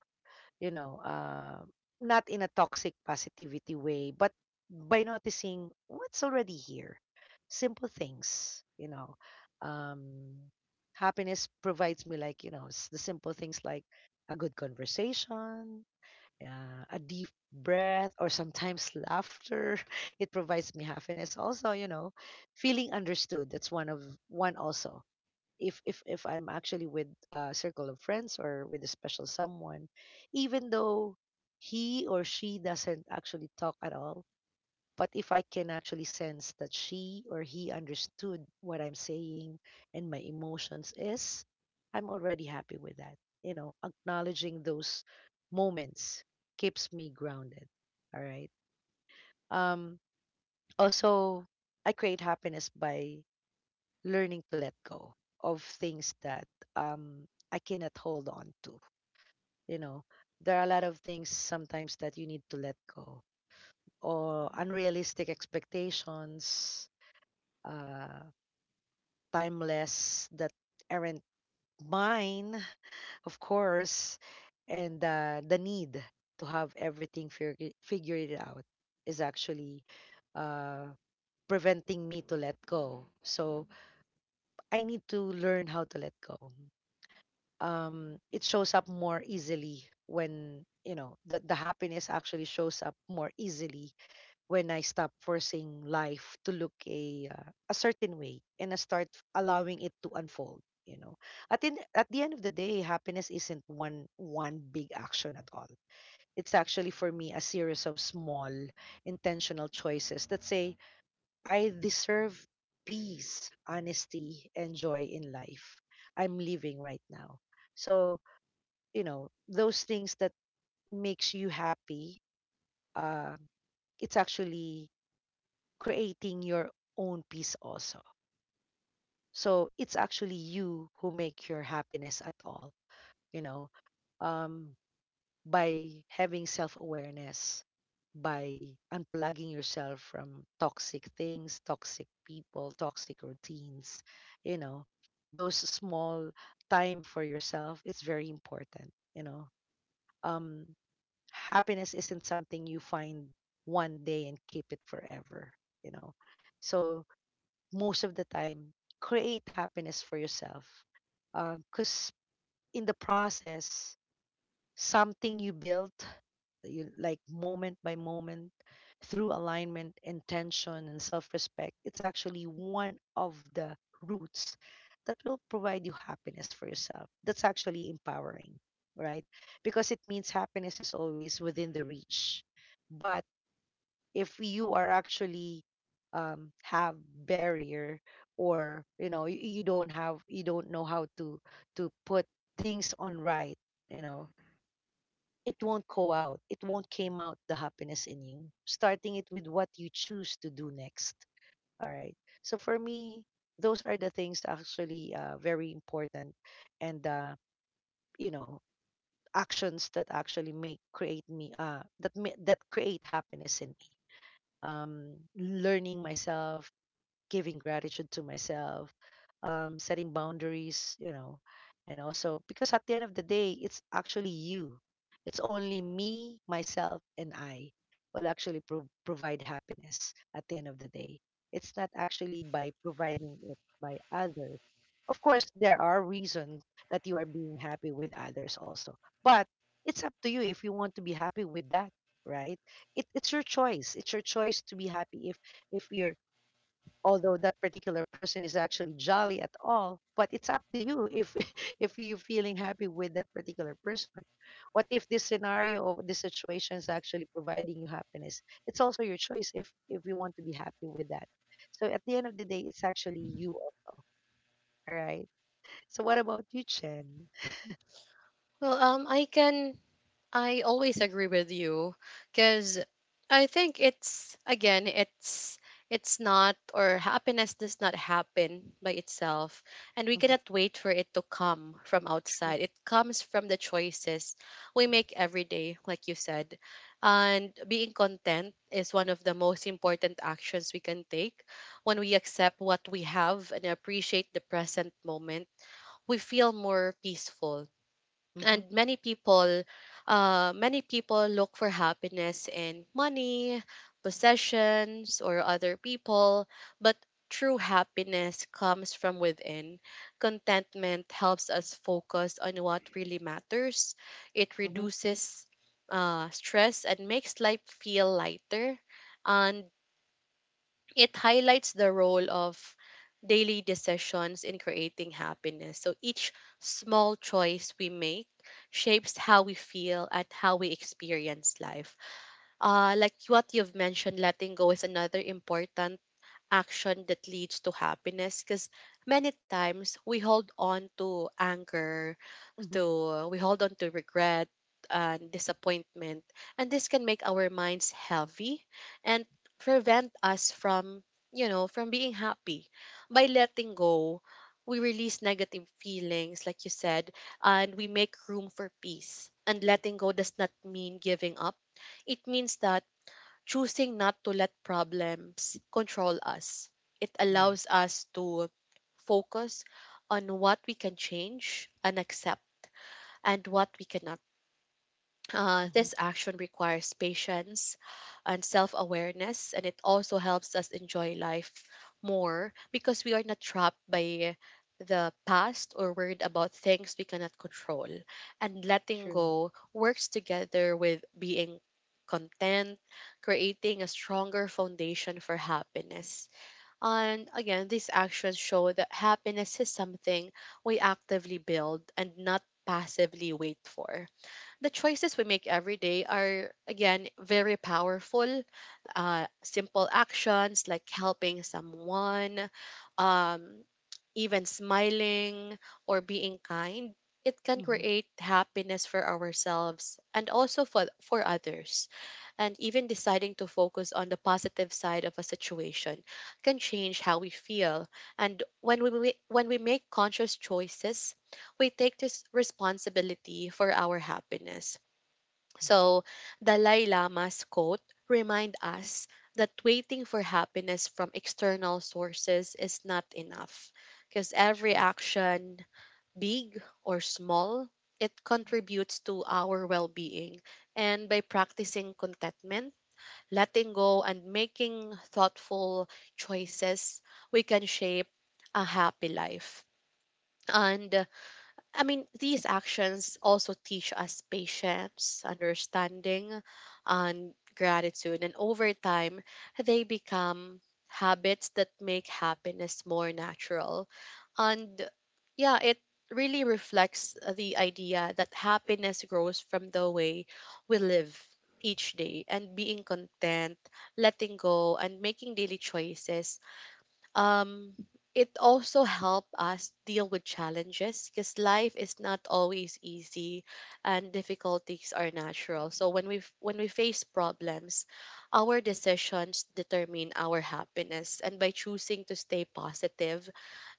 [SPEAKER 2] you know uh, not in a toxic positivity way, but by noticing what's already here, simple things, um, happiness provides me like, the simple things, like a good conversation, a deep breath, or sometimes laughter. It provides me happiness also, you know, feeling understood. That's one of one also. If I'm actually with a circle of friends or with a special someone, even though he or she doesn't actually talk at all, but if I can actually sense that she or he understood what I'm saying and my emotions is, I'm already happy with that. You know, acknowledging those moments keeps me grounded. All right. Um Also, I create happiness by learning to let go of things that I cannot hold on to. You know, there are a lot of things sometimes that you need to let go, or unrealistic expectations, uh, timeless that aren't mine, of course, and the need to have everything figured out is actually uh, preventing me to let go. So I need to learn how to let go. It shows up more easily when, you know the happiness actually shows up more easily when I stop forcing life to look a certain way, and I start allowing it to unfold, you know. At the end of the day, happiness isn't one big action at all. It's actually, for me, a series of small intentional choices that say I deserve peace, honesty, and joy in life I'm living right now. So, you know, those things that makes you happy, uh, it's actually creating your own peace also. So it's actually you who make your happiness at all, you know um, by having self-awareness, by unplugging yourself from toxic things, toxic people, toxic routines, you know. Those small time for yourself, it's very important, um happiness isn't something you find one day and keep it forever, you know. So most of the time, create happiness for yourself, because in the process something you built, you like, moment by moment, through alignment, intention, and self-respect, it's actually one of the roots that will provide you happiness for yourself. That's actually empowering, right? Because it means happiness is always within the reach. But if you are actually have barrier, or you know, you don't have, you don't know how to put things on right, you know, it won't go out. It won't came out the happiness in you. Starting it with what you choose to do next. All right. So for me, those are the things actually, very important, and you know, actions that actually make create me that create happiness in me. Learning myself, giving gratitude to myself, setting boundaries, you know, and also because at the end of the day, it's actually you. It's only me, myself, and I will actually provide happiness at the end of the day. It's not actually by providing it by others. Of course, there are reasons that you are being happy with others also, but it's up to you if you want to be happy with that, right? It's your choice. It's your choice to be happy if you're although that particular person is actually jolly at all, but it's up to you if if you're feeling happy with that particular person. What if this scenario or this situation is actually providing you happiness? It's also your choice if you want to be happy with that. So at the end of the day, it's actually you also. All right, so what about you, Chen?
[SPEAKER 1] Well, I can I always agree with you because I think it's again it's not or happiness does not happen by itself and we
[SPEAKER 2] Hmm.
[SPEAKER 1] cannot wait for it to come from
[SPEAKER 2] True.
[SPEAKER 1] outside. It comes from the choices we make every day like you said. And being content is one of the most important actions we can take when we accept what we have and appreciate the present moment. We feel more peaceful
[SPEAKER 2] Hmm.
[SPEAKER 1] and many people look for happiness in money possessions or other people but true happiness comes from within. Contentment helps us focus on what really matters. It
[SPEAKER 2] Hmm.
[SPEAKER 1] reduces stress and makes life feel lighter and it highlights the role of daily decisions in creating happiness. So each small choice we make shapes how we feel and how we experience life. Like what you've mentioned, letting go is another important action that leads to happiness because many times we hold on to anger
[SPEAKER 2] Hmm.
[SPEAKER 1] to we hold on to regret and disappointment and this can make our minds heavy and prevent us from from being happy. By letting go we release negative feelings like you said and we make room for peace. And letting go does not mean giving up, it means that choosing not to let problems control us. It
[SPEAKER 2] Yes.
[SPEAKER 1] allows us to focus on what we can change and accept and what we cannot.
[SPEAKER 2] Hmm.
[SPEAKER 1] This action requires patience and self awareness, and it also helps us enjoy life more because we are not trapped by the past or worried about things we cannot control. And letting
[SPEAKER 2] True.
[SPEAKER 1] go works together with being content, creating a stronger foundation for happiness. And again, these actions show that happiness is something we actively build and not passively wait for. The choices we make every day are again very powerful. Simple actions like helping someone, um, even smiling or being kind, it can
[SPEAKER 2] Hmm.
[SPEAKER 1] create happiness for ourselves and also for others. And even deciding to focus on the positive side of a situation can change how we feel. And when we make conscious choices we take this responsibility for our happiness. So, Dalai Lama's quote remind us that waiting for happiness from external sources is not enough because every
[SPEAKER 2] True.
[SPEAKER 1] action, big or small, it contributes to our well-being. And by practicing contentment, letting go and making thoughtful choices, we can shape a happy life. And I mean, these actions also teach us patience, understanding, and gratitude. And over time, they become habits that make happiness more natural. And yeah, it really reflects the idea that happiness grows from the way we live each day. And being content, letting go, and making daily choices um it also help us deal with challenges because life is not always easy and difficulties are natural. So when we face problems our decisions determine our happiness. And by choosing to stay positive,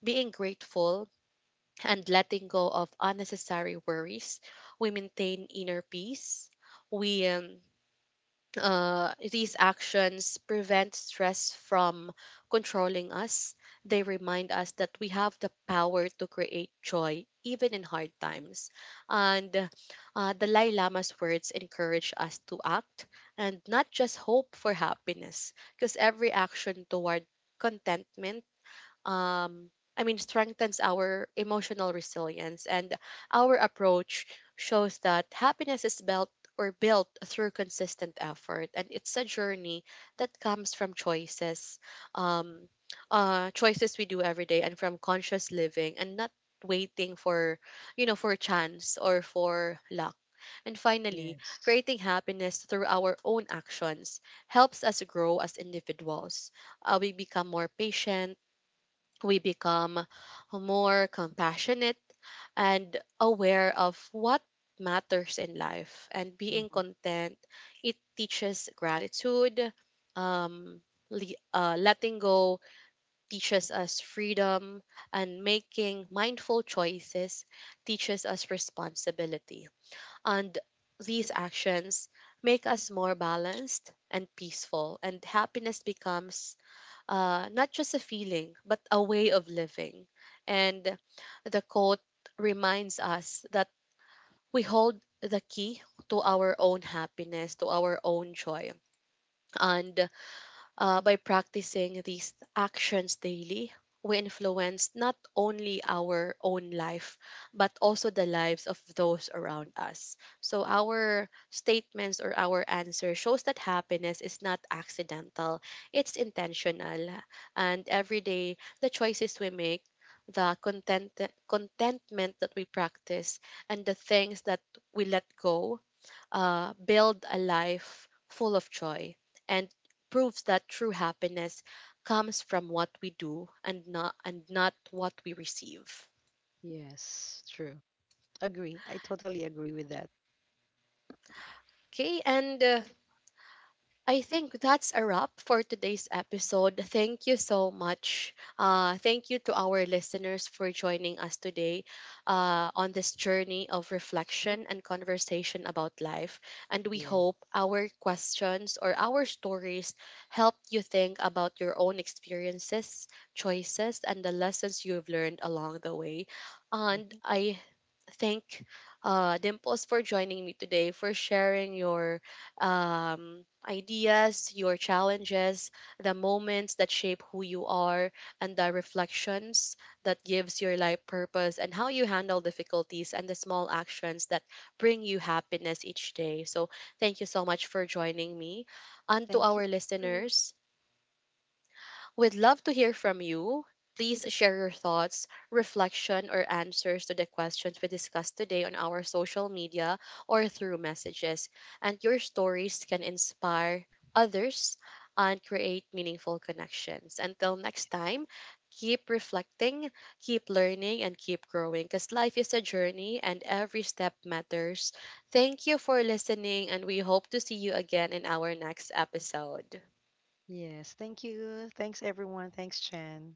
[SPEAKER 1] being grateful and letting go of unnecessary worries, we maintain inner peace. We um, uh, these actions prevent stress from controlling us. They remind us that we have the power to create joy even in hard times. And Dalai Lama's words encourage us to act and not just hope for happiness, because every action toward contentment um strengthens our emotional resilience. And our approach shows that happiness is built or built through consistent effort and it's a journey that comes from um choices we do every day and from conscious living and not waiting for for chance or for luck. And finally,
[SPEAKER 2] Yes.
[SPEAKER 1] creating happiness through our own actions helps us grow as individuals. We become more patient, we become more compassionate and aware of what matters in life. And being
[SPEAKER 2] Hmm.
[SPEAKER 1] content, it teaches gratitude. Um le- uh, letting go teaches us freedom, and making mindful choices teaches us responsibility. And these actions make us more balanced and peaceful, and happiness becomes not just a feeling, but a way of living. And the quote reminds us that we hold the key to our own happiness, to our own joy. And By practicing these actions daily, we influence not only our own life, but also the lives of those around us. So, our statements or our answer shows that happiness is not accidental, it's intentional. And every day, the choices we make, the content, contentment that we practice, and the things that we let go build a life full of joy and proves that true happiness comes from what we do and not what we receive.
[SPEAKER 2] Yes. True. Agree. I totally agree with that.
[SPEAKER 1] Okay, and I think that's a wrap for today's episode. Thank you so much. Thank you to our listeners for joining us today on this journey of
[SPEAKER 2] Mhm.
[SPEAKER 1] reflection and conversation about life. And we
[SPEAKER 2] Yes.
[SPEAKER 1] hope our questions or our stories help you think about your own experiences, choices, and the lessons you've learned along the way. And
[SPEAKER 2] Mhm.
[SPEAKER 1] I thank uh, Dimples for joining me today, for sharing your ideas, your challenges, the moments that shape who you are, and the reflections that gives your life purpose, and how you handle difficulties and the small actions that bring you happiness each day. So, thank you so much for joining me. And to
[SPEAKER 2] Thank you.
[SPEAKER 1] our
[SPEAKER 2] So,
[SPEAKER 1] listeners, we'd love to hear from you. Please share your thoughts, reflection, or answers to the questions we discussed today on our social media or through messages. And your stories can inspire others and create meaningful connections. Until next time, keep reflecting, keep learning, and keep growing because life is a journey and every step matters. Thank you for listening, and we hope to see you again in our next episode.
[SPEAKER 2] yes. Thank you. Thanks, everyone. Thanks, Chen.